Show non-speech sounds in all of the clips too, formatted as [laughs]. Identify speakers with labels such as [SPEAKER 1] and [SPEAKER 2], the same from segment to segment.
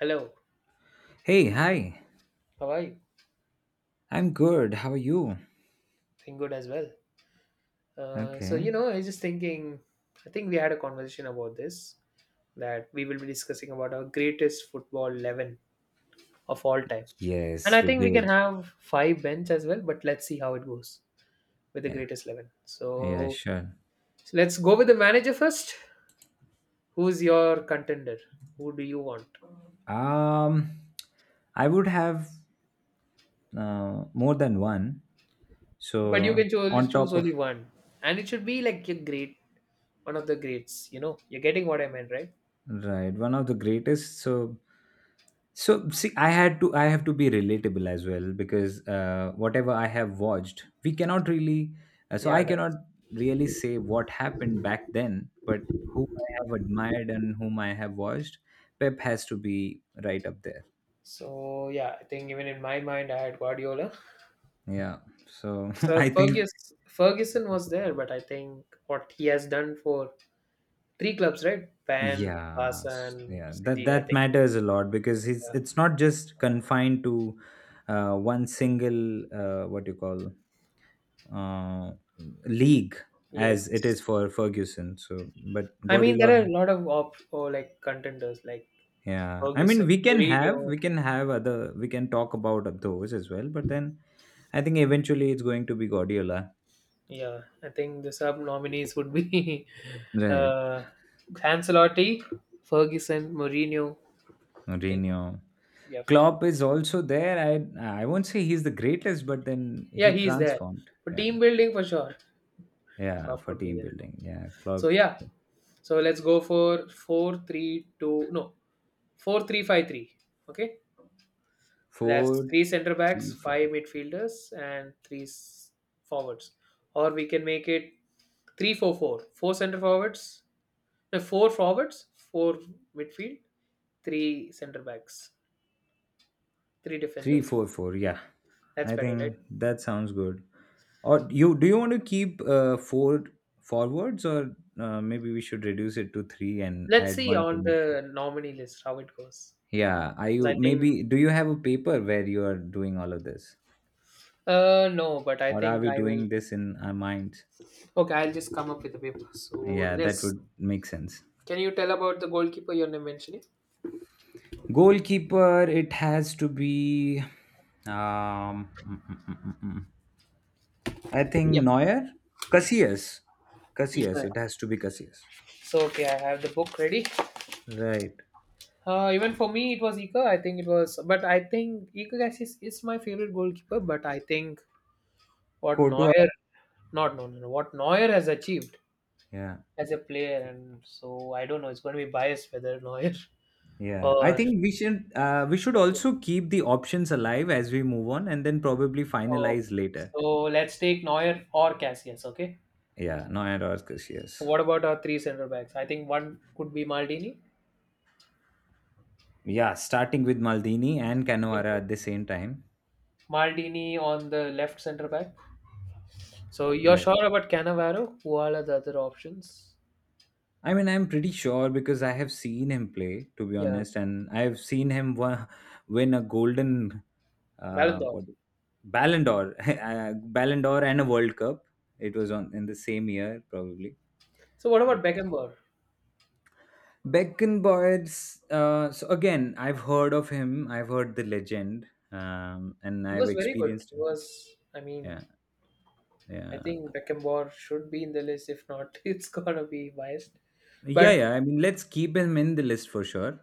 [SPEAKER 1] Hello,
[SPEAKER 2] Hey, hi.
[SPEAKER 1] how are you?
[SPEAKER 2] I'm good. How are you?
[SPEAKER 1] Doing good as well. Uh, so, you
[SPEAKER 2] Okay.
[SPEAKER 1] know, I was just thinking, I think we had a conversation about this that we will be discussing about our greatest football 11 of all time. And
[SPEAKER 2] Yes,
[SPEAKER 1] I
[SPEAKER 2] we
[SPEAKER 1] think we can
[SPEAKER 2] did.
[SPEAKER 1] have five bench as well, but let's see how it goes with the
[SPEAKER 2] Yeah.
[SPEAKER 1] greatest 11.
[SPEAKER 2] Yeah,
[SPEAKER 1] So,
[SPEAKER 2] sure.
[SPEAKER 1] so let's go with the manager first. Who's your contender? Who do you want?
[SPEAKER 2] Um, I would have more than one.
[SPEAKER 1] But you can
[SPEAKER 2] So
[SPEAKER 1] choose,
[SPEAKER 2] on
[SPEAKER 1] choose
[SPEAKER 2] top of
[SPEAKER 1] only one. And it should be like your great, one of the greats, you know. You're getting what I meant, right?
[SPEAKER 2] Right, one of the greatest. So see, I have to be relatable as well because whatever I have watched, we cannot really. So I
[SPEAKER 1] Yeah,
[SPEAKER 2] cannot
[SPEAKER 1] that's
[SPEAKER 2] really say what happened back then, but who I have admired and whom I have watched, Pep has to be right up there.
[SPEAKER 1] so yeah, I think even in my mind, I had Guardiola.
[SPEAKER 2] Yeah. So [laughs]
[SPEAKER 1] So
[SPEAKER 2] I think
[SPEAKER 1] Ferguson was there, but I think what he has done for three clubs, right? Van,
[SPEAKER 2] yeah,
[SPEAKER 1] Barca, and
[SPEAKER 2] yeah that
[SPEAKER 1] City. I
[SPEAKER 2] that
[SPEAKER 1] think
[SPEAKER 2] matters a lot because it's
[SPEAKER 1] uh,
[SPEAKER 2] it's not just confined to one single what you call uh, league as it
[SPEAKER 1] yes.
[SPEAKER 2] is for Ferguson. So, but
[SPEAKER 1] I mean, there are a
[SPEAKER 2] Guardiola,
[SPEAKER 1] lot of op or like contenders like
[SPEAKER 2] yeah. I
[SPEAKER 1] Ferguson,
[SPEAKER 2] mean,
[SPEAKER 1] Mourinho.
[SPEAKER 2] we can talk about those as well. But then I think eventually it's going to be Guardiola.
[SPEAKER 1] Yeah, I think the sub nominees would be [laughs]
[SPEAKER 2] Right.
[SPEAKER 1] uh, Ancelotti, Ferguson, Mourinho. I think
[SPEAKER 2] Mourinho.
[SPEAKER 1] yeah,
[SPEAKER 2] Klopp is also there. I won't say he's the greatest, but then
[SPEAKER 1] yeah,
[SPEAKER 2] he
[SPEAKER 1] he's there.
[SPEAKER 2] transformed.
[SPEAKER 1] For
[SPEAKER 2] Yeah,
[SPEAKER 1] team building, for sure,
[SPEAKER 2] yeah,
[SPEAKER 1] Klopp
[SPEAKER 2] for
[SPEAKER 1] could be
[SPEAKER 2] team
[SPEAKER 1] there.
[SPEAKER 2] building. Yeah,
[SPEAKER 1] So
[SPEAKER 2] Klopp
[SPEAKER 1] yeah, so let's go for four, three, two, no, four, three, five, three. Okay, that's
[SPEAKER 2] four
[SPEAKER 1] three center backs,
[SPEAKER 2] three
[SPEAKER 1] five
[SPEAKER 2] five.
[SPEAKER 1] midfielders, and three forwards. Or we can make it three, four, four. Four center forwards, no, four forwards, four midfield, three center backs, three defenders.
[SPEAKER 2] 3-4-4. Yeah,
[SPEAKER 1] That's
[SPEAKER 2] I
[SPEAKER 1] better, right?
[SPEAKER 2] think that sounds good. Or you do you want to keep four forwards, or maybe we should reduce it to three and
[SPEAKER 1] Let's
[SPEAKER 2] add
[SPEAKER 1] see
[SPEAKER 2] one to
[SPEAKER 1] on
[SPEAKER 2] midfield?
[SPEAKER 1] the nominee list how it goes.
[SPEAKER 2] Yeah, are
[SPEAKER 1] 'Cause
[SPEAKER 2] you
[SPEAKER 1] I think,
[SPEAKER 2] maybe do you have a paper where you are doing all of this,
[SPEAKER 1] no, but I
[SPEAKER 2] or are
[SPEAKER 1] think
[SPEAKER 2] we
[SPEAKER 1] I will.
[SPEAKER 2] doing this in our minds?
[SPEAKER 1] Okay, I'll just come up with the paper. So
[SPEAKER 2] Yeah, that
[SPEAKER 1] let's
[SPEAKER 2] would make sense.
[SPEAKER 1] Can you tell about the goalkeeper you're mentioning?
[SPEAKER 2] Goalkeeper, it has to be, um mm, mm, mm, mm, mm. I think
[SPEAKER 1] Yep,
[SPEAKER 2] Neuer, Casillas.
[SPEAKER 1] Ika.
[SPEAKER 2] It has to be Casillas.
[SPEAKER 1] So okay, I have the book ready.
[SPEAKER 2] Right.
[SPEAKER 1] Even for me, it was Ika. I think it was, but I think Ika Cassis is my favorite goalkeeper. But I think what
[SPEAKER 2] Koto.
[SPEAKER 1] Neuer, not no, no, no, what Neuer has achieved
[SPEAKER 2] Yeah,
[SPEAKER 1] as a player, and so I don't know. It's going to be biased whether Neuer [laughs]
[SPEAKER 2] yeah. I
[SPEAKER 1] or
[SPEAKER 2] think we should
[SPEAKER 1] Cassius.
[SPEAKER 2] also keep the options alive as we move on, and then probably
[SPEAKER 1] Okay,
[SPEAKER 2] finalize later.
[SPEAKER 1] so let's take Neuer or Cassius. Okay.
[SPEAKER 2] Yeah, Noya Roscus,
[SPEAKER 1] So
[SPEAKER 2] yes.
[SPEAKER 1] what about our three centre backs? I think one could be Maldini.
[SPEAKER 2] Yeah, starting with Maldini and Cannavaro at the same time.
[SPEAKER 1] Maldini on the left centre back. So you're
[SPEAKER 2] Right.
[SPEAKER 1] sure about Cannavaro? Who are the other options?
[SPEAKER 2] I mean, I'm pretty sure because I have seen him play, to be
[SPEAKER 1] Yeah,
[SPEAKER 2] honest, and I've seen him win a golden,
[SPEAKER 1] Ballon d'Or.
[SPEAKER 2] what, Ballon d'Or, [laughs] Ballon d'Or, and a World Cup. It was on in the same year, probably.
[SPEAKER 1] So what about
[SPEAKER 2] But yeah.
[SPEAKER 1] Beckenbauer?
[SPEAKER 2] Beckenbauer's, so again, I've heard of him. I've heard the legend, and
[SPEAKER 1] He
[SPEAKER 2] I've
[SPEAKER 1] was very good.
[SPEAKER 2] experienced
[SPEAKER 1] He
[SPEAKER 2] him.
[SPEAKER 1] was, I mean,
[SPEAKER 2] Yeah,
[SPEAKER 1] I
[SPEAKER 2] yeah,
[SPEAKER 1] think Beckenbauer should be in the list. If not, [laughs] it's gonna be biased.
[SPEAKER 2] yeah,
[SPEAKER 1] But
[SPEAKER 2] yeah. I mean, let's keep him in the list for sure.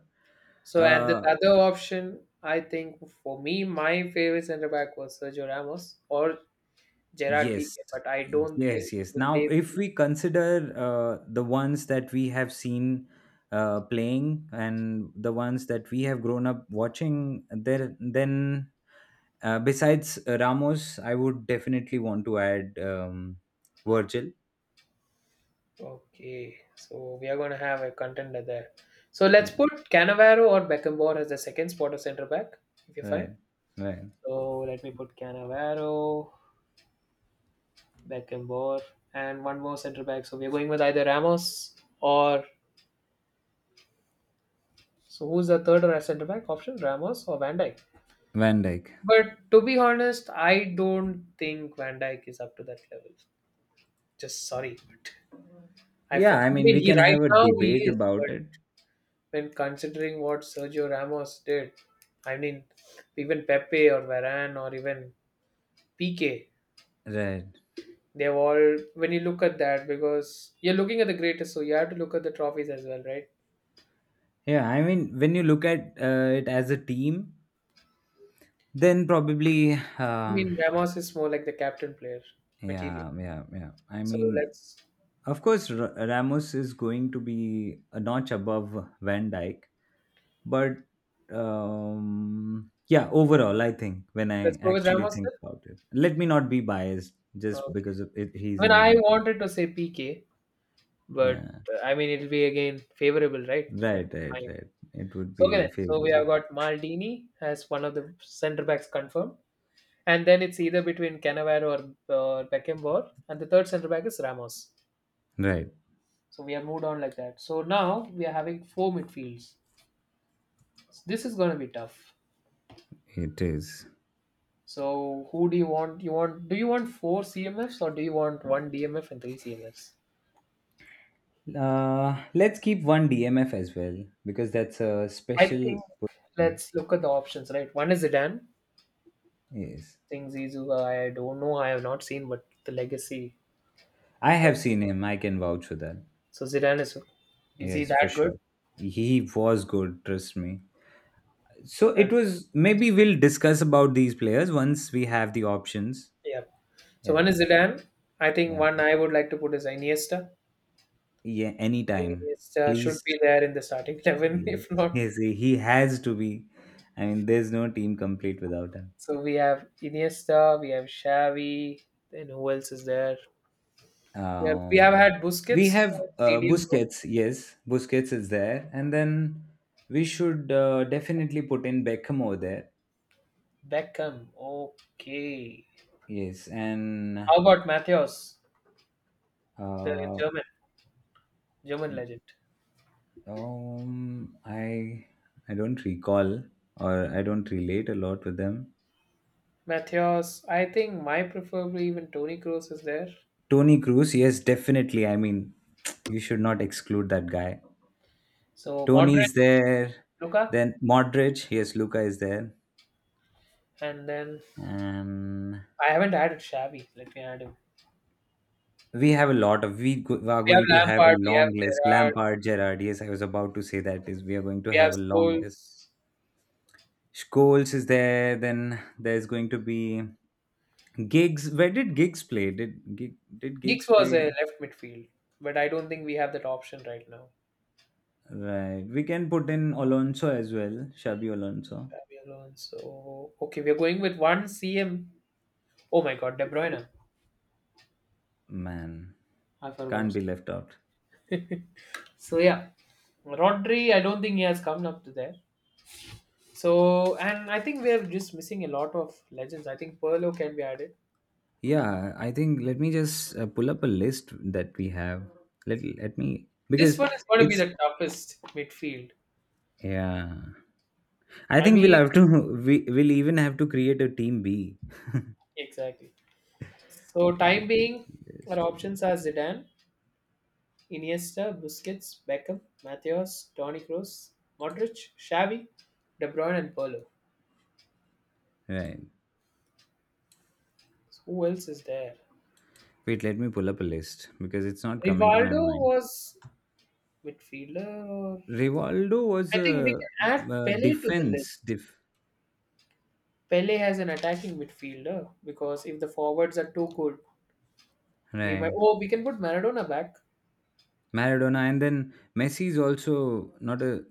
[SPEAKER 1] so and the
[SPEAKER 2] Uh,
[SPEAKER 1] other option, I think for me, my favorite center back was Sergio Ramos or Gerard
[SPEAKER 2] yes,
[SPEAKER 1] Piqué. But I don't think
[SPEAKER 2] yes, yes.
[SPEAKER 1] will
[SPEAKER 2] Now,
[SPEAKER 1] they
[SPEAKER 2] if
[SPEAKER 1] be
[SPEAKER 2] we consider the ones that we have seen playing and the ones that we have grown up watching, there then, besides Ramos, I would definitely want to add Virgil.
[SPEAKER 1] okay. So we are gonna have a contender there. So let's
[SPEAKER 2] Uh,
[SPEAKER 1] put Cannavaro or Beckenbauer as the second spot of center back. If you find.
[SPEAKER 2] Right, right.
[SPEAKER 1] So let me put Cannavaro, Beckenbauer, and one more centre back. So we're going with either Ramos or so who's the third centre back option? Ramos or Van Dijk?
[SPEAKER 2] Van Dyke.
[SPEAKER 1] But to be honest, I don't think Van Dijk is up to that level. Just sorry, I
[SPEAKER 2] Yeah,
[SPEAKER 1] felt
[SPEAKER 2] I mean,
[SPEAKER 1] even
[SPEAKER 2] we
[SPEAKER 1] he
[SPEAKER 2] can have
[SPEAKER 1] right
[SPEAKER 2] a
[SPEAKER 1] now he
[SPEAKER 2] debate
[SPEAKER 1] is, but
[SPEAKER 2] about it.
[SPEAKER 1] when considering what Sergio Ramos did, I mean, even Pepe or Varane or even PK,
[SPEAKER 2] Right.
[SPEAKER 1] they've all, when you look at that, because you're looking at the greatest, so you have to look at the trophies as well, right?
[SPEAKER 2] Yeah, I mean, when you look at it as a team, then probably,
[SPEAKER 1] I
[SPEAKER 2] um,
[SPEAKER 1] mean, Ramos is more like the captain player material.
[SPEAKER 2] yeah, yeah, yeah. I
[SPEAKER 1] So
[SPEAKER 2] mean,
[SPEAKER 1] let's
[SPEAKER 2] of course, Ramos is going to be a notch above Van Dyke, but yeah, overall, I think when I
[SPEAKER 1] let's go with
[SPEAKER 2] actually
[SPEAKER 1] Ramos
[SPEAKER 2] think about it, let me not be biased
[SPEAKER 1] then.
[SPEAKER 2] just
[SPEAKER 1] Okay.
[SPEAKER 2] because of it,
[SPEAKER 1] I
[SPEAKER 2] he's
[SPEAKER 1] mean,
[SPEAKER 2] in
[SPEAKER 1] I
[SPEAKER 2] my team.
[SPEAKER 1] wanted to say PK, but
[SPEAKER 2] Yeah.
[SPEAKER 1] I mean it'll be again favorable, right? Like
[SPEAKER 2] Right, right,
[SPEAKER 1] mine.
[SPEAKER 2] right. It would
[SPEAKER 1] Okay
[SPEAKER 2] be
[SPEAKER 1] then. So we
[SPEAKER 2] favoritism.
[SPEAKER 1] have got Maldini as one of the centre backs confirmed, and then it's either between Cannavaro or Beckenbauer, and the third centre back is Ramos.
[SPEAKER 2] Right,
[SPEAKER 1] So we have moved on like that. So now we are having four midfields. This is going to be tough.
[SPEAKER 2] it is.
[SPEAKER 1] So who do you want? Do you want four CMFs or do you want one DMF and three CMFs?
[SPEAKER 2] Let's keep one DMF as well because that's a
[SPEAKER 1] I
[SPEAKER 2] special
[SPEAKER 1] think
[SPEAKER 2] position.
[SPEAKER 1] let's look at the options, right? One is Zidane. I
[SPEAKER 2] Yes,
[SPEAKER 1] think Zizou, I don't know, I have not seen, but the legacy.
[SPEAKER 2] I
[SPEAKER 1] What?
[SPEAKER 2] have seen him. I can vouch for that.
[SPEAKER 1] So Zidane is he
[SPEAKER 2] Yes, for
[SPEAKER 1] that good?
[SPEAKER 2] sure. He was good. Trust me. So
[SPEAKER 1] And
[SPEAKER 2] it was. Maybe we'll discuss about these players once we have the options.
[SPEAKER 1] yeah, so one
[SPEAKER 2] Yeah,
[SPEAKER 1] is Zidane. I think
[SPEAKER 2] yeah,
[SPEAKER 1] one I would like to put is Iniesta. I
[SPEAKER 2] yeah.
[SPEAKER 1] think
[SPEAKER 2] Anytime,
[SPEAKER 1] Iniesta should
[SPEAKER 2] please.
[SPEAKER 1] be there in the starting 11, [laughs]
[SPEAKER 2] Yes,
[SPEAKER 1] if not.
[SPEAKER 2] yes. He has to be. I mean, there's no team complete without him.
[SPEAKER 1] So we have Iniesta, we have Xavi, then who else is there? Yeah, we have
[SPEAKER 2] Um,
[SPEAKER 1] had
[SPEAKER 2] We
[SPEAKER 1] Busquets
[SPEAKER 2] have
[SPEAKER 1] for CDM,
[SPEAKER 2] Busquets. Yes, Busquets is there, and then we should definitely put in Beckham over there.
[SPEAKER 1] Beckham. Okay.
[SPEAKER 2] Yes, and
[SPEAKER 1] How about Matthias, the
[SPEAKER 2] uh,
[SPEAKER 1] German German
[SPEAKER 2] um,
[SPEAKER 1] legend?
[SPEAKER 2] um, I I don't recall, or I don't relate a lot with them.
[SPEAKER 1] Matthias, I think my preferably even Tony Kroos is there.
[SPEAKER 2] Tony Cruz, yes, definitely. I mean, [tsk] you should not exclude that guy.
[SPEAKER 1] So
[SPEAKER 2] Tony
[SPEAKER 1] Modric,
[SPEAKER 2] is there,
[SPEAKER 1] Luka,
[SPEAKER 2] then Modric, yes, Luca is there,
[SPEAKER 1] and then
[SPEAKER 2] and
[SPEAKER 1] I haven't added Xavi. Let me add him.
[SPEAKER 2] we have a lot of. We are
[SPEAKER 1] We have
[SPEAKER 2] going to have a
[SPEAKER 1] Lampard, we have
[SPEAKER 2] long list.
[SPEAKER 1] Gerrard,
[SPEAKER 2] Lampard, Gerrard. Yes, I was about to say that, is we are going to
[SPEAKER 1] we have
[SPEAKER 2] have a long list.
[SPEAKER 1] Scholes.
[SPEAKER 2] Scholes is there. Then there's going to be Gigs. Where did Gigs play? Did Gig, did
[SPEAKER 1] Giggs
[SPEAKER 2] Gigs
[SPEAKER 1] was
[SPEAKER 2] play?
[SPEAKER 1] a left midfield, but I don't think we have that option right now.
[SPEAKER 2] Right. We can put in Alonso as well. Shabby Alonso.
[SPEAKER 1] Xabi Alonso. Okay, we're going with one CM. Oh my God, De Bruyne.
[SPEAKER 2] Man,
[SPEAKER 1] I
[SPEAKER 2] can't
[SPEAKER 1] forgot.
[SPEAKER 2] be left out.
[SPEAKER 1] So yeah, Rodri, I don't think he has come up to there. So and I think we are just missing a lot of legends. I think Perlo can be added.
[SPEAKER 2] Yeah, I think let me just pull up a list that we have. Let me
[SPEAKER 1] This
[SPEAKER 2] because
[SPEAKER 1] one is going to be
[SPEAKER 2] it's
[SPEAKER 1] the toughest midfield.
[SPEAKER 2] yeah. I
[SPEAKER 1] I
[SPEAKER 2] think we'll
[SPEAKER 1] mean,
[SPEAKER 2] have to [laughs] we will even have to create a team B.
[SPEAKER 1] exactly. So
[SPEAKER 2] Okay, the
[SPEAKER 1] time
[SPEAKER 2] best
[SPEAKER 1] being, our
[SPEAKER 2] place to end.
[SPEAKER 1] options are Zidane, Iniesta, Busquets, Beckham, Matheus, Toni Kroos, Modric, Xavi, De Bruyne, and Perlo.
[SPEAKER 2] Right.
[SPEAKER 1] So, who else is there?
[SPEAKER 2] Wait, let me pull up a list because it's not coming to my
[SPEAKER 1] Rivaldo
[SPEAKER 2] mind.
[SPEAKER 1] was midfielder, or
[SPEAKER 2] Rivaldo was
[SPEAKER 1] I think we
[SPEAKER 2] a,
[SPEAKER 1] can add Pele to the
[SPEAKER 2] defense,
[SPEAKER 1] list.
[SPEAKER 2] diff-
[SPEAKER 1] Pele has an attacking midfielder because if the forwards are too good, we might.
[SPEAKER 2] right.
[SPEAKER 1] Oh, we can put Maradona back.
[SPEAKER 2] Maradona, and then Messi is also not a.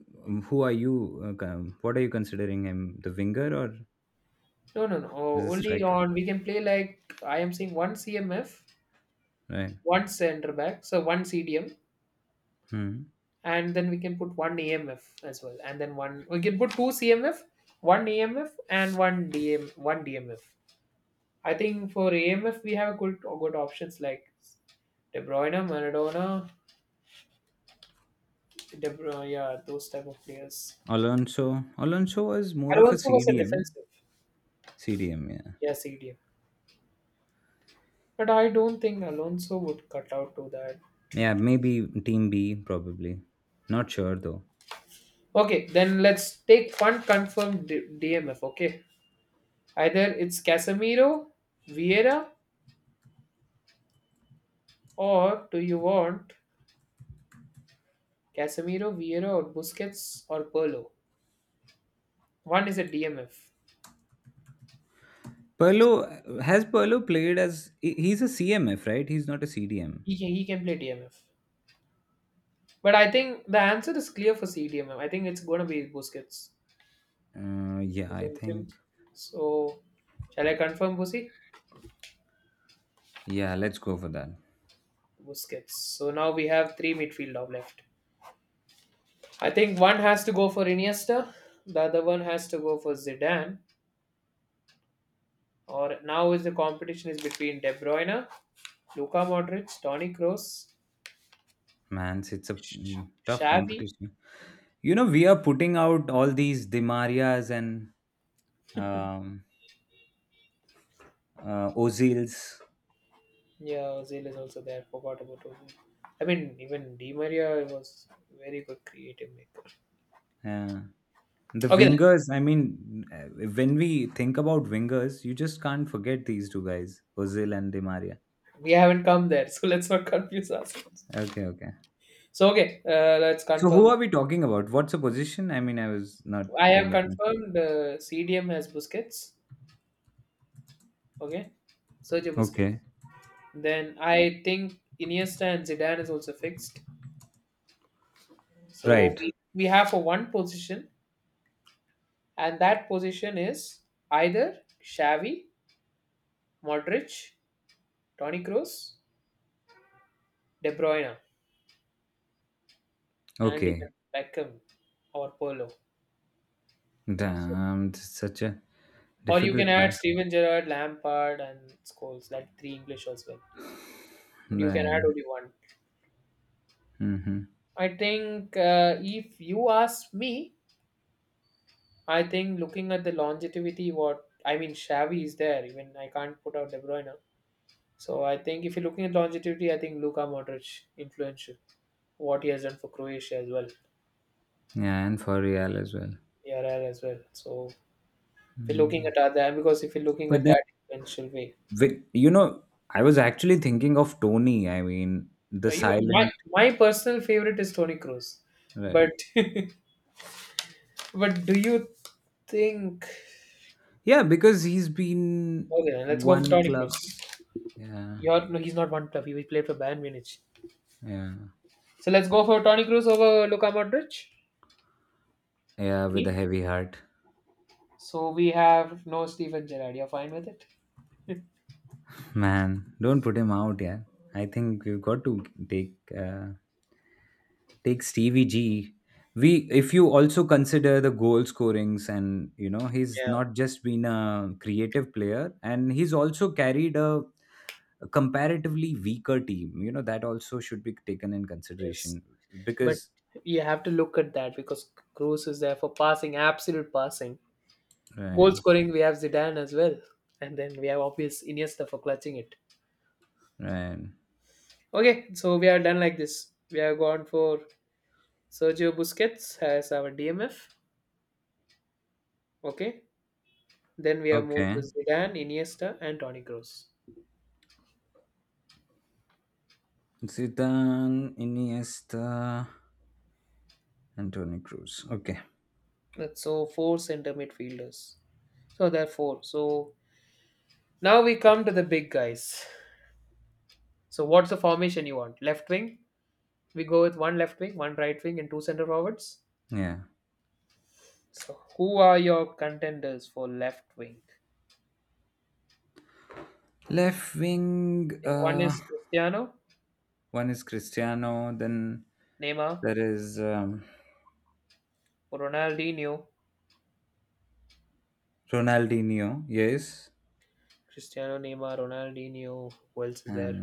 [SPEAKER 2] Who are you, what are you considering him, the winger or
[SPEAKER 1] No, no, no.
[SPEAKER 2] as a
[SPEAKER 1] Oh, only
[SPEAKER 2] striker?
[SPEAKER 1] on we can play like I am saying one CMF,
[SPEAKER 2] Right.
[SPEAKER 1] one centre back, so one CDM,
[SPEAKER 2] Hmm.
[SPEAKER 1] and then we can put one AMF as well, and then one we can put two CMF, one AMF, and one DM, one DMF. I think for AMF we have good options like De Bruyne, Maradona, De Bruyne, yeah, those type of players.
[SPEAKER 2] Alonso was more of a
[SPEAKER 1] Alonso was a
[SPEAKER 2] CDM.
[SPEAKER 1] defensive.
[SPEAKER 2] CDM, yeah.
[SPEAKER 1] Yeah, CDM. But I don't think Alonso would cut out to that.
[SPEAKER 2] Yeah, maybe Team B, probably. Not sure though.
[SPEAKER 1] Okay, then let's take one confirmed DMF, okay? Either it's Casemiro, Vieira, or do you want Casemiro, Vieira, or Busquets, or Perlo? One is a DMF.
[SPEAKER 2] Perlo has Perlo played as, he's a CMF, right? He's not a CDM.
[SPEAKER 1] He can play DMF. But I think the answer is clear for CDMF. I think it's going to be Busquets.
[SPEAKER 2] Yeah, I
[SPEAKER 1] Isn't
[SPEAKER 2] think.
[SPEAKER 1] it? So, shall I confirm, Busi?
[SPEAKER 2] Yeah, let's go for that.
[SPEAKER 1] Busquets. So now we have three midfield now left. I think one has to go for Iniesta, the other one has to go for Zidane. Or now is the competition is between De Bruyne, Luka Modric, Toni Kroos,
[SPEAKER 2] Man, it's a
[SPEAKER 1] Sh-
[SPEAKER 2] tough
[SPEAKER 1] Xavi.
[SPEAKER 2] competition. You know, we are putting out all these Dimarias and um, Ozils.
[SPEAKER 1] Yeah, Ozil is also there. Forgot about Ozil. I mean, even Di Maria was very good creative maker.
[SPEAKER 2] Uh, the
[SPEAKER 1] Okay, then,
[SPEAKER 2] wingers, I mean, when we think about wingers, you just can't forget these two guys, Ozil and Demaria.
[SPEAKER 1] we haven't come there, so [laughs] let's not confuse ourselves.
[SPEAKER 2] Okay, okay.
[SPEAKER 1] So okay, let's
[SPEAKER 2] So who
[SPEAKER 1] confirm.
[SPEAKER 2] are we talking about? What's the position? I mean, I was not
[SPEAKER 1] I have
[SPEAKER 2] paying attention.
[SPEAKER 1] confirmed CDM has Busquets. Okay, Sergio Busquets.
[SPEAKER 2] Okay.
[SPEAKER 1] Then I think Iniesta and Zidane is also fixed. So
[SPEAKER 2] Right.
[SPEAKER 1] we have for one position, and that position is either Xavi, Modric, Toni Kroos, De Bruyne, and even
[SPEAKER 2] Okay.
[SPEAKER 1] Beckham or Polo. So,
[SPEAKER 2] Damn, this is such a
[SPEAKER 1] or you can
[SPEAKER 2] difficult
[SPEAKER 1] add
[SPEAKER 2] task.
[SPEAKER 1] Steven Gerrard, Lampard, and Scholes. That three English as well. But you can add
[SPEAKER 2] Right.
[SPEAKER 1] only one.
[SPEAKER 2] Mm-hmm.
[SPEAKER 1] I think if you ask me, I think looking at the longevity, what I mean, Xavi is there. Even I can't put out De Bruyne. So I think if you're looking at longevity, I think Luka Modric influential. What he has done for Croatia as well,
[SPEAKER 2] Yeah, and for real as well.
[SPEAKER 1] ERR as well. So if you're looking
[SPEAKER 2] Mm.
[SPEAKER 1] at other because if you're looking
[SPEAKER 2] But
[SPEAKER 1] at
[SPEAKER 2] then,
[SPEAKER 1] that influential way.
[SPEAKER 2] wi- you know, I was actually thinking of Tony. I mean, the
[SPEAKER 1] Now, you my
[SPEAKER 2] silent.
[SPEAKER 1] my personal favorite is Tony Cruz,
[SPEAKER 2] Right.
[SPEAKER 1] but [laughs] but do you think?
[SPEAKER 2] Yeah, because he's been
[SPEAKER 1] Okay, then let's go for
[SPEAKER 2] one
[SPEAKER 1] Tony Cruz.
[SPEAKER 2] club. Yeah.
[SPEAKER 1] You're, no, he's not one club. He played for Bayern Munich.
[SPEAKER 2] Yeah.
[SPEAKER 1] So let's go for Tony Cruz over Luka Modric.
[SPEAKER 2] Yeah, with a
[SPEAKER 1] Me?
[SPEAKER 2] heavy heart.
[SPEAKER 1] So we have no Stephen Gerrard. You're fine with it?
[SPEAKER 2] Man, don't put him out, yeah. I think we've got to take, Stevie G. We, if you also consider the goal scorings, and he's
[SPEAKER 1] Yeah.
[SPEAKER 2] not just been a creative player, and he's also carried a comparatively weaker team. You know, that also should be taken in
[SPEAKER 1] Yes.
[SPEAKER 2] consideration
[SPEAKER 1] But
[SPEAKER 2] because
[SPEAKER 1] you have to look at that because Cruz is there for passing, absolute passing. Goal
[SPEAKER 2] right,
[SPEAKER 1] scoring, we have Zidane as well. And then we have obvious Iniesta for clutching it.
[SPEAKER 2] right,
[SPEAKER 1] Okay, so we are done like this. We have gone for Sergio Busquets as our DMF. Okay. Then we have moved to
[SPEAKER 2] okay,
[SPEAKER 1] Zidane, Iniesta, and Toni Kroos.
[SPEAKER 2] Zidane, Iniesta, and Tony Cruz. Okay,
[SPEAKER 1] That's so four center midfielders. So there are four. So now we come to the big guys. So what's the formation you want? Left wing? We go with one left wing, one right wing, and two center forwards.
[SPEAKER 2] yeah,
[SPEAKER 1] So, who are your contenders for left wing?
[SPEAKER 2] left wing.
[SPEAKER 1] One
[SPEAKER 2] Uh,
[SPEAKER 1] is Cristiano,
[SPEAKER 2] one is Cristiano, then
[SPEAKER 1] Neymar,
[SPEAKER 2] there is
[SPEAKER 1] Ronaldinho.
[SPEAKER 2] Ronaldinho. Yes.
[SPEAKER 1] Cristiano, Neymar, Ronaldinho. Who else is there?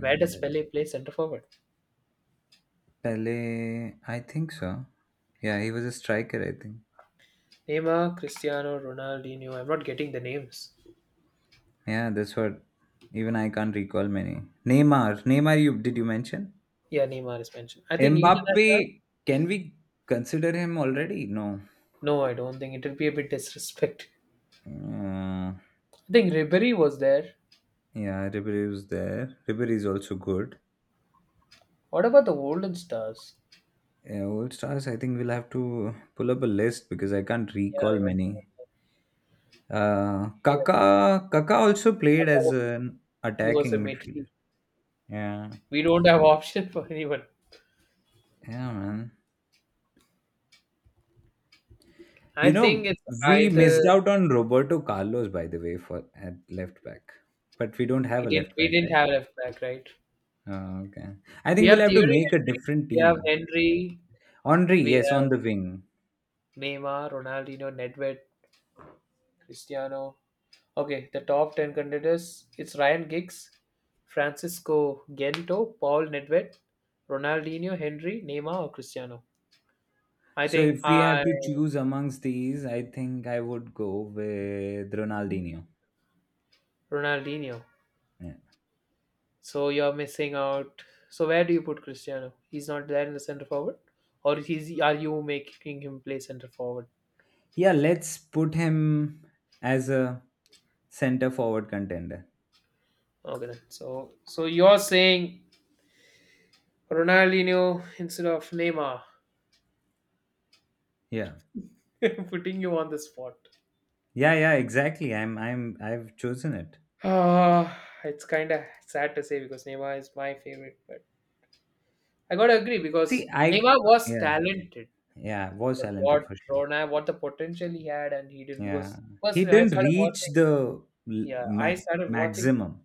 [SPEAKER 1] Where does Pele play center forward?
[SPEAKER 2] Pele, I think so. Yeah, he was a striker, I think.
[SPEAKER 1] Neymar, Cristiano, Ronaldinho. I'm not getting the names.
[SPEAKER 2] Yeah, that's what. Even I can't recall many. Neymar, you did you mention?
[SPEAKER 1] Yeah, Neymar is mentioned. I think Eden Hazard.
[SPEAKER 2] Mbappe, can we consider him already? No.
[SPEAKER 1] No, I don't think it will be a bit disrespect.
[SPEAKER 2] Uh,
[SPEAKER 1] I think Ribery was there.
[SPEAKER 2] yeah, Ribery was there. Ribery is also good.
[SPEAKER 1] What about the Golden Stars?
[SPEAKER 2] Yeah, old stars, I think we'll have to pull up a list because I can't
[SPEAKER 1] Yeah, I
[SPEAKER 2] recall
[SPEAKER 1] went.
[SPEAKER 2] many. Kaka also played as an
[SPEAKER 1] He was a
[SPEAKER 2] attacking
[SPEAKER 1] midfield.
[SPEAKER 2] midfielder. Yeah,
[SPEAKER 1] We don't have option for anyone.
[SPEAKER 2] yeah, man.
[SPEAKER 1] I
[SPEAKER 2] You
[SPEAKER 1] think
[SPEAKER 2] know,
[SPEAKER 1] it's
[SPEAKER 2] we
[SPEAKER 1] either
[SPEAKER 2] missed out on Roberto Carlos, by the way, for at left back. But we don't
[SPEAKER 1] we
[SPEAKER 2] have a
[SPEAKER 1] didn't
[SPEAKER 2] left
[SPEAKER 1] we
[SPEAKER 2] back,
[SPEAKER 1] didn't
[SPEAKER 2] right?
[SPEAKER 1] have left back, right?
[SPEAKER 2] Oh, okay. I
[SPEAKER 1] We
[SPEAKER 2] think we'll
[SPEAKER 1] have
[SPEAKER 2] have to
[SPEAKER 1] Thierry
[SPEAKER 2] make a different team.
[SPEAKER 1] Henry,
[SPEAKER 2] Henri,
[SPEAKER 1] we
[SPEAKER 2] yes,
[SPEAKER 1] have
[SPEAKER 2] on the wing.
[SPEAKER 1] Neymar, Ronaldinho, Nedved, Cristiano. Okay, the top ten contenders it's Ryan Giggs, Francisco Gento, Paul Nedved, Ronaldinho, Henry, Neymar, or Cristiano. I
[SPEAKER 2] So
[SPEAKER 1] think
[SPEAKER 2] if we have
[SPEAKER 1] I
[SPEAKER 2] to choose amongst these, I think I would go with Ronaldinho.
[SPEAKER 1] Ronaldinho.
[SPEAKER 2] Yeah.
[SPEAKER 1] So you're missing out. So where do you put Cristiano? He's not there in the center forward, or he's are you making him play center forward?
[SPEAKER 2] Yeah, let's put him as a center forward contender.
[SPEAKER 1] Okay, then. So you're saying Ronaldinho instead of Neymar,
[SPEAKER 2] Yeah.
[SPEAKER 1] [laughs] putting you on the spot.
[SPEAKER 2] Yeah, yeah, exactly. I've chosen it.
[SPEAKER 1] Ah, it's kind of sad to say because Neymar is my favorite, but I gotta agree because
[SPEAKER 2] See, I,
[SPEAKER 1] Neymar was
[SPEAKER 2] yeah,
[SPEAKER 1] talented,
[SPEAKER 2] yeah, was
[SPEAKER 1] but
[SPEAKER 2] talented
[SPEAKER 1] what
[SPEAKER 2] for sure.
[SPEAKER 1] Ronald, what the potential he had, and he did
[SPEAKER 2] Yeah,
[SPEAKER 1] because
[SPEAKER 2] he
[SPEAKER 1] personally I
[SPEAKER 2] didn't
[SPEAKER 1] started
[SPEAKER 2] reach
[SPEAKER 1] watching.
[SPEAKER 2] the l-
[SPEAKER 1] Yeah, I
[SPEAKER 2] ma-
[SPEAKER 1] started watching
[SPEAKER 2] maximum.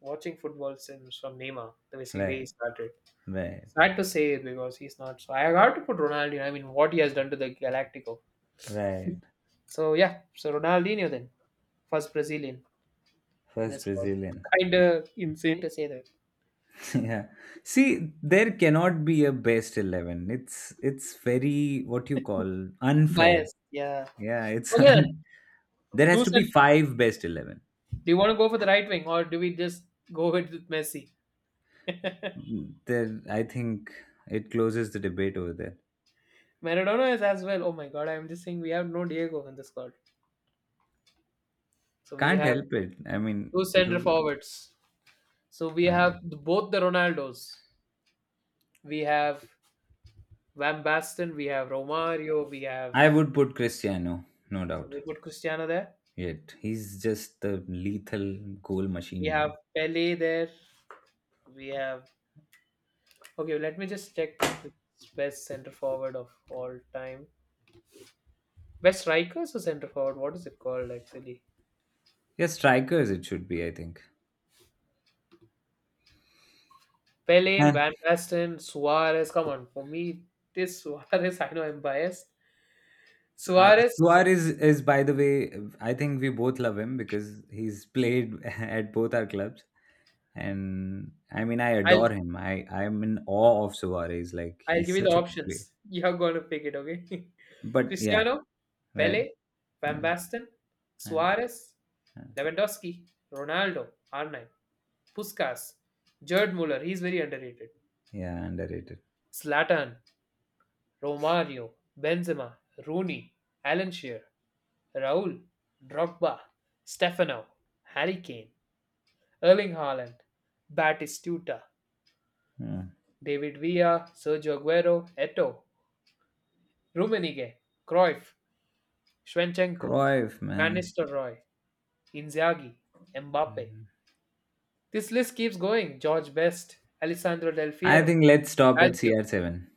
[SPEAKER 1] watching football since from Neymar, the way see way
[SPEAKER 2] Right,
[SPEAKER 1] he started.
[SPEAKER 2] right,
[SPEAKER 1] Sad to say it because he's not. So I have to put Ronaldinho. I mean, what he has done to the Galactico.
[SPEAKER 2] right.
[SPEAKER 1] So yeah, so Ronaldinho then, first Brazilian in the
[SPEAKER 2] First
[SPEAKER 1] squad.
[SPEAKER 2] Brazilian.
[SPEAKER 1] Kinda insane to say that.
[SPEAKER 2] [laughs] yeah. See, there cannot be a best 11. It's very what you call unfair.
[SPEAKER 1] Bias, yeah.
[SPEAKER 2] Yeah, it's [laughs]
[SPEAKER 1] Okay then,
[SPEAKER 2] there has
[SPEAKER 1] two
[SPEAKER 2] to be
[SPEAKER 1] cent.
[SPEAKER 2] five best 11.
[SPEAKER 1] Do you want to go for the right wing or do we just go with Messi? [laughs]
[SPEAKER 2] There, I think it closes the debate over there.
[SPEAKER 1] Maradona is as well. Oh my God, I'm just saying we have no Diego in the squad. So we
[SPEAKER 2] Can't
[SPEAKER 1] have
[SPEAKER 2] help it. I mean,
[SPEAKER 1] two center
[SPEAKER 2] do
[SPEAKER 1] forwards. So we
[SPEAKER 2] uh,
[SPEAKER 1] have both the Ronaldos. We have Van Basten, we have Romario,
[SPEAKER 2] I would put Cristiano, no doubt.
[SPEAKER 1] we put Cristiano there,
[SPEAKER 2] Yet he's just the lethal goal
[SPEAKER 1] we
[SPEAKER 2] machine,
[SPEAKER 1] have
[SPEAKER 2] man.
[SPEAKER 1] Pele there, we have okay. Let me just check the best center forward of all time. Best strikers or center forward? What is it called actually?
[SPEAKER 2] Yeah, strikers it should be, I think.
[SPEAKER 1] Pele,
[SPEAKER 2] And
[SPEAKER 1] Van Basten, Suarez. Come on, for me, this Suarez. [laughs] I know I'm biased.
[SPEAKER 2] so,
[SPEAKER 1] Suarez.
[SPEAKER 2] Suarez is, by the way, I think we both love him because he's played [laughs] at both our clubs, and I mean, I adore
[SPEAKER 1] I'll
[SPEAKER 2] him. I'm in awe of Suarez. Like
[SPEAKER 1] I'll give
[SPEAKER 2] he's
[SPEAKER 1] you the
[SPEAKER 2] such a player.
[SPEAKER 1] options. [laughs] You're gonna pick it, okay? [laughs]
[SPEAKER 2] But yeah,
[SPEAKER 1] Cristiano,
[SPEAKER 2] right,
[SPEAKER 1] Pele, Van
[SPEAKER 2] yeah,
[SPEAKER 1] Basten,
[SPEAKER 2] yeah,
[SPEAKER 1] Suarez,
[SPEAKER 2] yeah,
[SPEAKER 1] Lewandowski, Ronaldo, R9, Puskas, Gerd Muller, he's very underrated.
[SPEAKER 2] yeah, underrated.
[SPEAKER 1] Slatan, Romario, Benzema, Rooney, Alan Shearer, Raul, Drogba, Stefano, Harry Kane, Erling Haaland, Batistuta,
[SPEAKER 2] Yeah.
[SPEAKER 1] David Villa, Sergio Aguero, Eto, Rummenigge, Cruyff, Schwenchenko,
[SPEAKER 2] Cruyff,
[SPEAKER 1] Van
[SPEAKER 2] man.
[SPEAKER 1] Nistelrooy, Inzaghi, Mbappe.
[SPEAKER 2] Mhm.
[SPEAKER 1] This list keeps going. George Best, Alessandro Del
[SPEAKER 2] I
[SPEAKER 1] Fiero,
[SPEAKER 2] think let's stop at
[SPEAKER 1] Lazio,
[SPEAKER 2] CR7.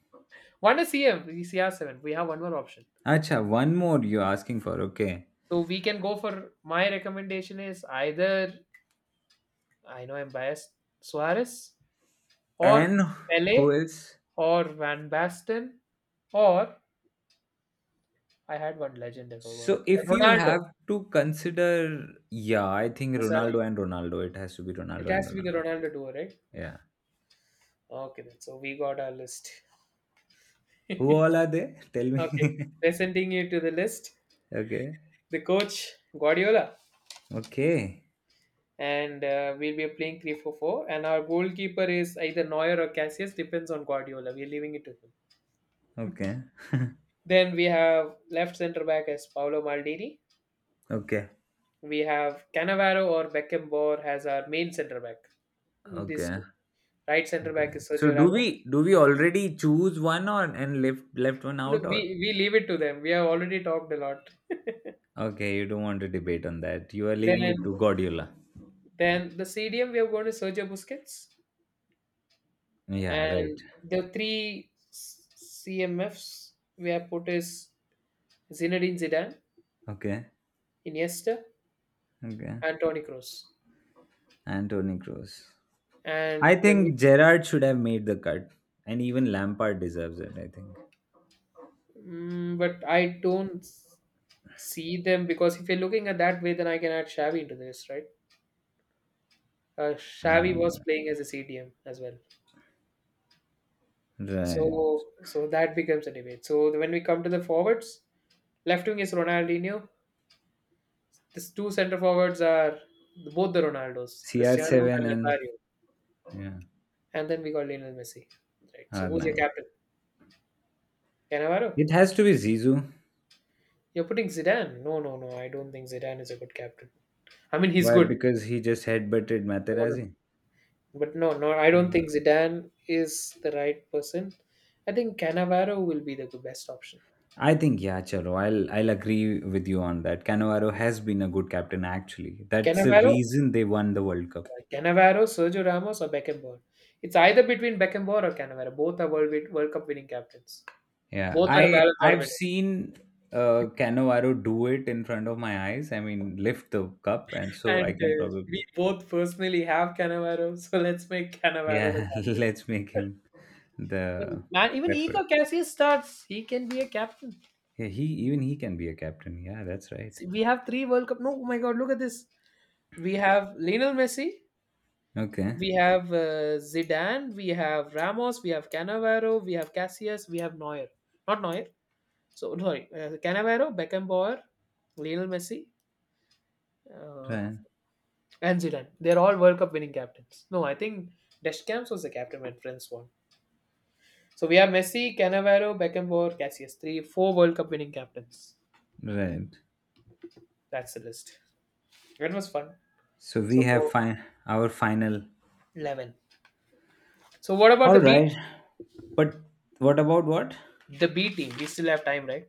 [SPEAKER 1] one is CM, CR7. We have one more option.
[SPEAKER 2] Acha, one more you're asking for. Okay.
[SPEAKER 1] So we can go for, my recommendation is either, I know I'm biased, Suarez or
[SPEAKER 2] And who
[SPEAKER 1] Pele
[SPEAKER 2] else?
[SPEAKER 1] or Van Basten or, I had one legend I forgot.
[SPEAKER 2] So if you
[SPEAKER 1] Ronaldo.
[SPEAKER 2] have to consider, yeah, I think
[SPEAKER 1] Sorry.
[SPEAKER 2] Ronaldo and Ronaldo. It has to be
[SPEAKER 1] It
[SPEAKER 2] Ronaldo and
[SPEAKER 1] has to be the
[SPEAKER 2] Ronaldo.
[SPEAKER 1] Ronaldo duo, right?
[SPEAKER 2] Yeah.
[SPEAKER 1] Okay then. So we got our list. [laughs]
[SPEAKER 2] Who
[SPEAKER 1] okay.
[SPEAKER 2] all are they? Tell me. [laughs]
[SPEAKER 1] Presenting you to the list.
[SPEAKER 2] okay.
[SPEAKER 1] The coach Guardiola.
[SPEAKER 2] Okay.
[SPEAKER 1] And we'll be playing 3-4-4, and our goalkeeper is either Neuer or Cassius, depends on Guardiola, we're leaving it to him.
[SPEAKER 2] Okay.
[SPEAKER 1] Then we have left center back as Paolo Maldini.
[SPEAKER 2] Okay.
[SPEAKER 1] We have Cannavaro or Beckenbauer as our main center back, these
[SPEAKER 2] Okay.
[SPEAKER 1] two. Right center
[SPEAKER 2] Okay.
[SPEAKER 1] back is
[SPEAKER 2] So
[SPEAKER 1] Sergio
[SPEAKER 2] do
[SPEAKER 1] Ramos.
[SPEAKER 2] we do we already choose one, or and left one
[SPEAKER 1] No,
[SPEAKER 2] out?
[SPEAKER 1] we
[SPEAKER 2] Or
[SPEAKER 1] we leave it to them, we have already talked a lot.
[SPEAKER 2] okay, you don't want to debate on that. You are leaving it
[SPEAKER 1] then
[SPEAKER 2] to Guardiola.
[SPEAKER 1] then the CDM we have gone to Sergio Busquets,
[SPEAKER 2] Yeah, right.
[SPEAKER 1] and the three CMFs we have put is Zinedine Zidane,
[SPEAKER 2] Okay.
[SPEAKER 1] Iniesta,
[SPEAKER 2] Okay.
[SPEAKER 1] and Tony Cross.
[SPEAKER 2] Anthony Cruz. I
[SPEAKER 1] And when we,
[SPEAKER 2] think Gerard should have made the cut, and even Lampard deserves it. I think.
[SPEAKER 1] but I don't s- see them because if you're looking at that way, then I can add Shabby into this, right?
[SPEAKER 2] Uh,
[SPEAKER 1] Shabby was playing as a CDM as well, so
[SPEAKER 2] right.
[SPEAKER 1] that becomes a debate. So when we come to the forwards, left wing is Ronaldinho. These two center forwards are both the Ronaldos, Cristiano
[SPEAKER 2] CR7
[SPEAKER 1] and
[SPEAKER 2] and
[SPEAKER 1] Nazario,
[SPEAKER 2] yeah
[SPEAKER 1] and then we got Lionel Messi, right? So who's your
[SPEAKER 2] R9.
[SPEAKER 1] captain? Cannavaro?
[SPEAKER 2] It has to be Zizou.
[SPEAKER 1] You're putting Zidane? No, no, no. I don't think Zidane is a good captain. I mean, he's
[SPEAKER 2] Why?
[SPEAKER 1] good.
[SPEAKER 2] Because he just headbutted
[SPEAKER 1] No, no.
[SPEAKER 2] Materazzi.
[SPEAKER 1] But no, no, I don't
[SPEAKER 2] Mm.
[SPEAKER 1] think Zidane is the right person. I think Cannavaro will be the best option.
[SPEAKER 2] I think yeah, chalo. I'll agree with you on that. Cannavaro has been a good captain actually. That's the
[SPEAKER 1] Cannavaro,
[SPEAKER 2] reason they won the World Cup.
[SPEAKER 1] Cannavaro, Sergio Ramos, or Beckenbauer. It's either between Beckenbauer or Cannavaro. Both are World, World Cup winning captains.
[SPEAKER 2] Yeah,
[SPEAKER 1] Both are
[SPEAKER 2] I
[SPEAKER 1] Ballon d'Or
[SPEAKER 2] I've
[SPEAKER 1] winners.
[SPEAKER 2] seen Cannavaro do it in front of my eyes. I mean, lift the cup, and so
[SPEAKER 1] And
[SPEAKER 2] I can
[SPEAKER 1] we
[SPEAKER 2] probably.
[SPEAKER 1] both personally have Cannavaro, [laughs] so let's make Cannavaro the
[SPEAKER 2] Yeah, [laughs]
[SPEAKER 1] captain.
[SPEAKER 2] let's make him
[SPEAKER 1] And
[SPEAKER 2] the
[SPEAKER 1] man, even
[SPEAKER 2] preferred.
[SPEAKER 1] Iker Casillas starts. He can be a captain.
[SPEAKER 2] Yeah, he even he can be a captain. Yeah, that's right.
[SPEAKER 1] See, we have three World Cup. No, oh my God, look at this. We have Lionel Messi.
[SPEAKER 2] Okay,
[SPEAKER 1] We have Zidane, we have Ramos, we have Cannavaro, we have Cassius, we have Neuer. Not Neuer. So [laughs] sorry, Cannavaro, Beckenbauer, Lionel Messi, uh,
[SPEAKER 2] right,
[SPEAKER 1] and Zidane. They're all World Cup winning captains. No, I think Deschamps was the captain when France won. So we have Messi, Cannavaro, Beckenbauer, Cassius. Three, four World Cup winning captains.
[SPEAKER 2] right.
[SPEAKER 1] That's the list. That was fun.
[SPEAKER 2] So we
[SPEAKER 1] So
[SPEAKER 2] have fine our final.
[SPEAKER 1] 11. So what about
[SPEAKER 2] All
[SPEAKER 1] the B?
[SPEAKER 2] right, but what about what?
[SPEAKER 1] The B team. We still have time, right?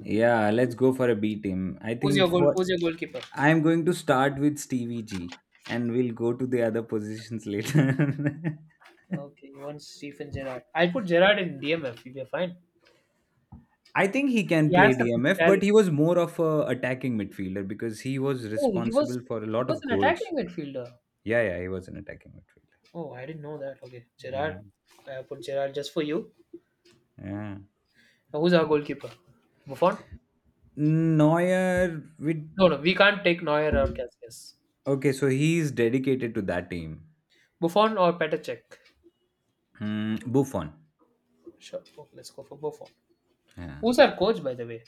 [SPEAKER 2] Yeah, let's go for a B team. I
[SPEAKER 1] Who's
[SPEAKER 2] think,
[SPEAKER 1] your goal?
[SPEAKER 2] for
[SPEAKER 1] Who's your goalkeeper?
[SPEAKER 2] I'm going to start with Stevie G, and we'll go to the other positions later. [laughs]
[SPEAKER 1] Okay, you want Stephen Gerrard. I'll put Gerrard in DMF. We're fine.
[SPEAKER 2] I think he can
[SPEAKER 1] He has
[SPEAKER 2] play
[SPEAKER 1] the
[SPEAKER 2] DMF, but he
[SPEAKER 1] physicality.
[SPEAKER 2] was more of a attacking midfielder because he was
[SPEAKER 1] Oh,
[SPEAKER 2] responsible for a
[SPEAKER 1] he
[SPEAKER 2] lot
[SPEAKER 1] was
[SPEAKER 2] of
[SPEAKER 1] an
[SPEAKER 2] goals.
[SPEAKER 1] attacking midfielder.
[SPEAKER 2] Yeah, yeah, he was an attacking midfielder.
[SPEAKER 1] Oh, I didn't know that. Okay, Gerrard.
[SPEAKER 2] Yeah,
[SPEAKER 1] I put Gerrard just for you.
[SPEAKER 2] yeah.
[SPEAKER 1] Now, who's our goalkeeper? Buffon.
[SPEAKER 2] Neuer with
[SPEAKER 1] No, no, we can't take Neuer or Casillas.
[SPEAKER 2] okay, so he's dedicated to that team.
[SPEAKER 1] Buffon or Petacek.
[SPEAKER 2] Hmm, Buffon.
[SPEAKER 1] Sure. Okay, let's go for Buffon.
[SPEAKER 2] Yeah.
[SPEAKER 1] Who's our coach, by the way?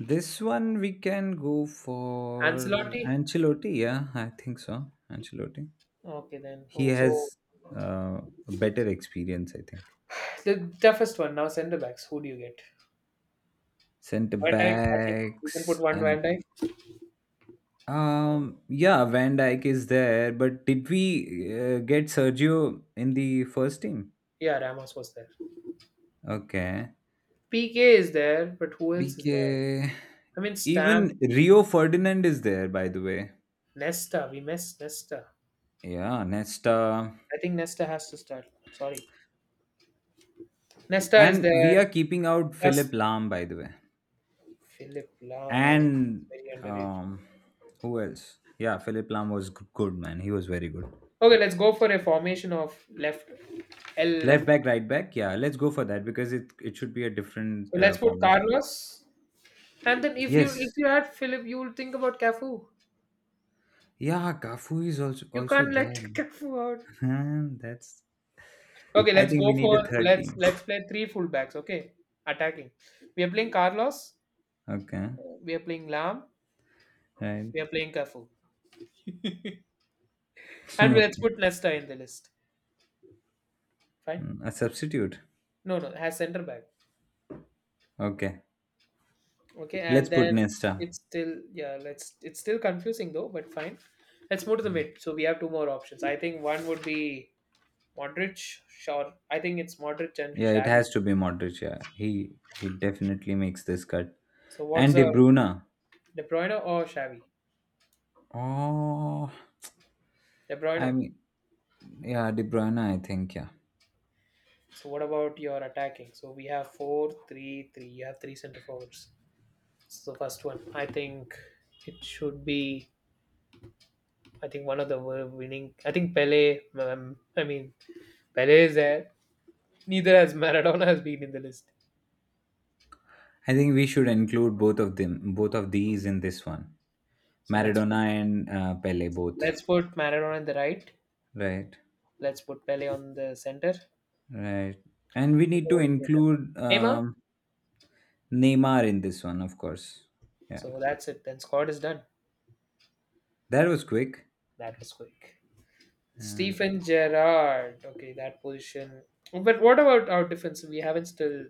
[SPEAKER 2] This one we can go for
[SPEAKER 1] Ancelotti.
[SPEAKER 2] Ancelotti. Yeah, I think so. Ancelotti.
[SPEAKER 1] Okay, then.
[SPEAKER 2] He
[SPEAKER 1] Oh, so
[SPEAKER 2] has uh, a better experience, I think.
[SPEAKER 1] the toughest one now. Centre backs. Who do you get?
[SPEAKER 2] Centre
[SPEAKER 1] Van Dijk. I think we can put
[SPEAKER 2] backs
[SPEAKER 1] one Van
[SPEAKER 2] and
[SPEAKER 1] Dijk.
[SPEAKER 2] yeah, Van Dijk is there, but did we get Sergio in the first team?
[SPEAKER 1] Yeah, Ramos was there.
[SPEAKER 2] Okay.
[SPEAKER 1] PK is there, but who else is there?
[SPEAKER 2] BK.
[SPEAKER 1] I mean, Stam,
[SPEAKER 2] Even Rio Ferdinand is there, by the way.
[SPEAKER 1] Nesta. We miss Nesta.
[SPEAKER 2] Yeah, Nesta.
[SPEAKER 1] I think Nesta has to start. Sorry. Nesta is
[SPEAKER 2] And we are
[SPEAKER 1] there.
[SPEAKER 2] keeping out
[SPEAKER 1] Plus
[SPEAKER 2] Philip Lahm, by the way.
[SPEAKER 1] Philip Lam. I mean,
[SPEAKER 2] And
[SPEAKER 1] very underrated.
[SPEAKER 2] um, who else? Yeah, Philip Lahm was good, man. He was very good.
[SPEAKER 1] Okay, let's go for a formation of left, L left.
[SPEAKER 2] Left back, right back. Yeah, let's go for that because it should be a different
[SPEAKER 1] So let's put
[SPEAKER 2] formation.
[SPEAKER 1] Carlos. And then
[SPEAKER 2] Yes.
[SPEAKER 1] if you add Philip, you will think about Cafu.
[SPEAKER 2] Yeah, Gafu is also,
[SPEAKER 1] You
[SPEAKER 2] also
[SPEAKER 1] can't let [laughs]
[SPEAKER 2] there.
[SPEAKER 1] Cafu out.
[SPEAKER 2] Man. [laughs] That's.
[SPEAKER 1] Okay,
[SPEAKER 2] I
[SPEAKER 1] let's
[SPEAKER 2] think
[SPEAKER 1] go
[SPEAKER 2] we need a
[SPEAKER 1] for,
[SPEAKER 2] third team.
[SPEAKER 1] let's play three fullbacks. Okay, attacking. We are playing Carlos.
[SPEAKER 2] Okay.
[SPEAKER 1] We are playing Lam.
[SPEAKER 2] Right. [laughs]
[SPEAKER 1] We are playing Cafu. And let's
[SPEAKER 2] Okay.
[SPEAKER 1] put Nesta in the list. Fine.
[SPEAKER 2] Mm, a substitute.
[SPEAKER 1] No, no, has center back.
[SPEAKER 2] Okay.
[SPEAKER 1] Okay,
[SPEAKER 2] Let's
[SPEAKER 1] and
[SPEAKER 2] put
[SPEAKER 1] then
[SPEAKER 2] Nesta.
[SPEAKER 1] it's still, yeah, let's it's still confusing though, but fine. Let's move to the
[SPEAKER 2] Mm.
[SPEAKER 1] mid. So we have two more options. I think one would be Modric, sure. I think it's Modric and
[SPEAKER 2] Yeah, it
[SPEAKER 1] Xavi.
[SPEAKER 2] has to be Modric. Yeah, he definitely makes this cut.
[SPEAKER 1] So what's
[SPEAKER 2] And De
[SPEAKER 1] a,
[SPEAKER 2] Bruyne.
[SPEAKER 1] De Bruyne or Xavi?
[SPEAKER 2] Oh,
[SPEAKER 1] De
[SPEAKER 2] I
[SPEAKER 1] Bruyne.
[SPEAKER 2] mean, yeah, De Bruyne. I think yeah.
[SPEAKER 1] So what about your attacking? So we have four, three, three. You have three center forwards. So the first one, I think it should be. I think one of the winning. I think Pele. I mean Pele is there. Neither has Maradona has been in the list.
[SPEAKER 2] I think we should include both of them, both of these in this one.
[SPEAKER 1] So
[SPEAKER 2] Maradona and Pele both.
[SPEAKER 1] let's put Maradona in the right.
[SPEAKER 2] Right,
[SPEAKER 1] Let's put Pele on the center.
[SPEAKER 2] right. And we need
[SPEAKER 1] Who
[SPEAKER 2] to
[SPEAKER 1] will play that?
[SPEAKER 2] include
[SPEAKER 1] Neymar.
[SPEAKER 2] Neymar in this one, of course. Yeah,
[SPEAKER 1] So that's it. Then squad is done.
[SPEAKER 2] that was quick.
[SPEAKER 1] That was quick.
[SPEAKER 2] Uh,
[SPEAKER 1] Stephen Gerrard. Okay, that position. But what about our defense? We haven't still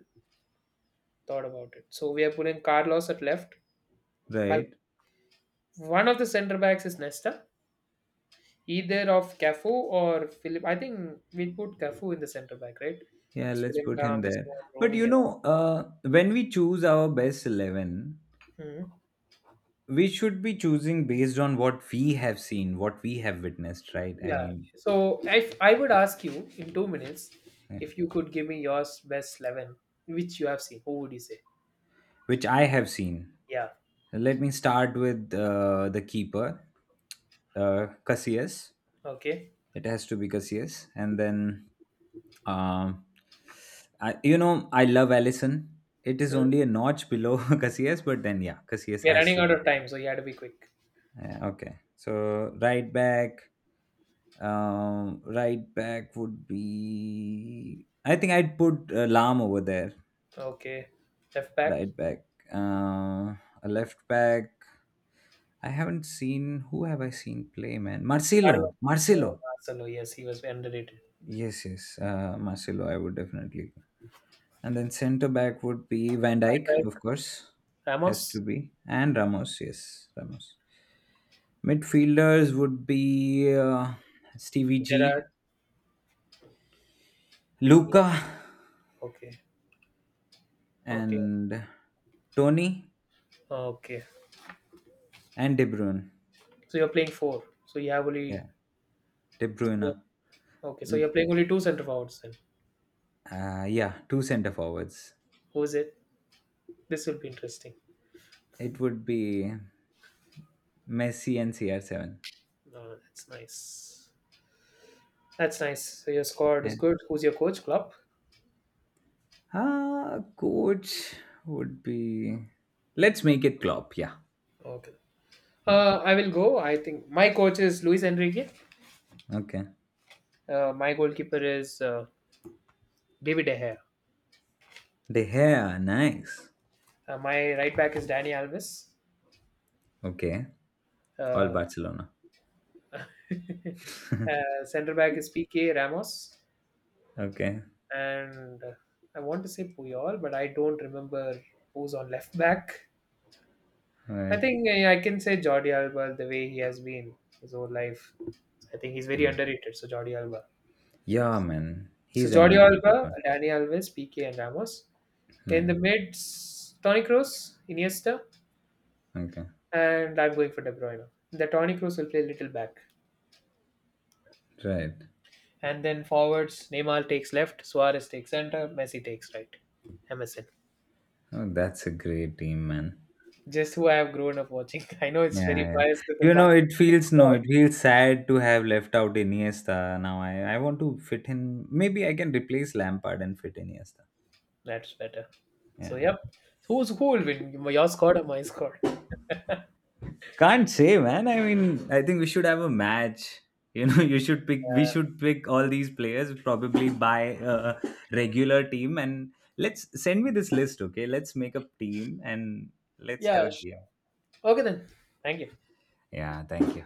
[SPEAKER 1] thought about it. So we are putting Carlos at left. Well,
[SPEAKER 2] right.
[SPEAKER 1] one of the center backs is Nesta. Either of Cafu or Philip. I think we put Cafu in the center back, right?
[SPEAKER 2] Yeah,
[SPEAKER 1] Because
[SPEAKER 2] let's
[SPEAKER 1] Philip
[SPEAKER 2] put him
[SPEAKER 1] Lahm is
[SPEAKER 2] there. But
[SPEAKER 1] roaming
[SPEAKER 2] you
[SPEAKER 1] around.
[SPEAKER 2] know, when we choose our best 11,
[SPEAKER 1] Mhm.
[SPEAKER 2] we should be choosing based on what we have seen, what we have witnessed, right? I
[SPEAKER 1] Yeah.
[SPEAKER 2] mean,
[SPEAKER 1] So if I would ask you in 2 minutes,
[SPEAKER 2] yeah.
[SPEAKER 1] if you could give me your best 11, which you have seen, who would you say?
[SPEAKER 2] Which I have seen.
[SPEAKER 1] Yeah.
[SPEAKER 2] Let me start with the keeper, Casillas.
[SPEAKER 1] Okay.
[SPEAKER 2] It has to be Casillas. And then, um, I, you know, I love Allison. It is
[SPEAKER 1] Mhm.
[SPEAKER 2] only a notch below [laughs] Casillas, but then, yeah, Casillas
[SPEAKER 1] We're
[SPEAKER 2] has
[SPEAKER 1] running
[SPEAKER 2] to
[SPEAKER 1] out
[SPEAKER 2] be.
[SPEAKER 1] of time, so you had to be quick.
[SPEAKER 2] Yeah, okay. So, right back. Right back would be. I think I'd put Lam over there.
[SPEAKER 1] Okay. Left back.
[SPEAKER 2] Right back. Uh, a left back. I haven't seen. Who have I seen play, man?
[SPEAKER 1] Carlo.
[SPEAKER 2] Marcelo.
[SPEAKER 1] Oh,
[SPEAKER 2] Marcelo.
[SPEAKER 1] Marcelo. Yes, he was underrated.
[SPEAKER 2] Yes, yes. Marcelo, I would definitely. And then centre back would be Van
[SPEAKER 1] Right
[SPEAKER 2] Dijk, of
[SPEAKER 1] back.
[SPEAKER 2] course. Has to
[SPEAKER 1] Ramos.
[SPEAKER 2] be. And Ramos. Yes, Ramos. Midfielders would be Stevie
[SPEAKER 1] Gerard.
[SPEAKER 2] G,
[SPEAKER 1] Yes.
[SPEAKER 2] Luca,
[SPEAKER 1] Okay. Okay.
[SPEAKER 2] and Tony.
[SPEAKER 1] Okay.
[SPEAKER 2] And De Bruyne.
[SPEAKER 1] So you're playing four. So you have only.
[SPEAKER 2] Yeah, De
[SPEAKER 1] Yeah.
[SPEAKER 2] Bruyne.
[SPEAKER 1] Okay. So you're
[SPEAKER 2] L-
[SPEAKER 1] playing only two center forwards then.
[SPEAKER 2] Yeah, two center forwards.
[SPEAKER 1] Who is it? This will be interesting.
[SPEAKER 2] It would be Messi and CR7.
[SPEAKER 1] No, that's nice. That's nice. So your squad is
[SPEAKER 2] Yeah.
[SPEAKER 1] good. Who's your coach? Klopp.
[SPEAKER 2] Ah, coach would be. Let's make it Klopp. Yeah.
[SPEAKER 1] Okay.
[SPEAKER 2] Hmm,
[SPEAKER 1] I will go. I think my coach is Luis Enrique.
[SPEAKER 2] okay.
[SPEAKER 1] My goalkeeper is David De Gea.
[SPEAKER 2] De Gea, nice.
[SPEAKER 1] My right back is Danny Alves.
[SPEAKER 2] Okay, all
[SPEAKER 1] Uh,
[SPEAKER 2] Barcelona.
[SPEAKER 1] [laughs]
[SPEAKER 2] [laughs]
[SPEAKER 1] center back is PK Ramos,
[SPEAKER 2] Okay,
[SPEAKER 1] and I want to say Puyol, but I don't remember who's on left back.
[SPEAKER 2] all
[SPEAKER 1] I
[SPEAKER 2] right.
[SPEAKER 1] think I can say Jordi Alba, the way he has been his whole life. I think he's very
[SPEAKER 2] Hmm.
[SPEAKER 1] underrated. So Jordi Alba.
[SPEAKER 2] Yeah, man,
[SPEAKER 1] So
[SPEAKER 2] he's an
[SPEAKER 1] Jordi
[SPEAKER 2] underrated
[SPEAKER 1] Alba,
[SPEAKER 2] one.
[SPEAKER 1] Dani Alves, PK, and Ramos. In
[SPEAKER 2] Hmm,
[SPEAKER 1] the mids, Toni Kroos, Iniesta,
[SPEAKER 2] okay,
[SPEAKER 1] and I'm going for De Bruyne. The Toni Kroos will play little back.
[SPEAKER 2] right.
[SPEAKER 1] And then forwards, Neymar takes left, Suarez takes center, Messi takes right. MSN.
[SPEAKER 2] Oh, that's a great team, man.
[SPEAKER 1] Just who I have grown up watching. [laughs] I know it's
[SPEAKER 2] Yeah,
[SPEAKER 1] very
[SPEAKER 2] yeah.
[SPEAKER 1] biased to the
[SPEAKER 2] You know,
[SPEAKER 1] Barca
[SPEAKER 2] it feels no,
[SPEAKER 1] squad.
[SPEAKER 2] it feels sad to have left out Iniesta. Now I want to fit in. Maybe I can replace Lampard and fit Iniesta.
[SPEAKER 1] That's better. So,
[SPEAKER 2] Yeah,
[SPEAKER 1] yep. Who's who will win? Your squad or my squad?
[SPEAKER 2] can't say, man. I mean, I think we should have a match. You know, [laughs] you should pick. We should pick all these players probably by a regular team, and let's send me this list. Okay, let's make a team and let's have
[SPEAKER 1] Yeah,
[SPEAKER 2] a
[SPEAKER 1] sure.
[SPEAKER 2] game.
[SPEAKER 1] Okay then. Thank you.
[SPEAKER 2] Yeah, thank you.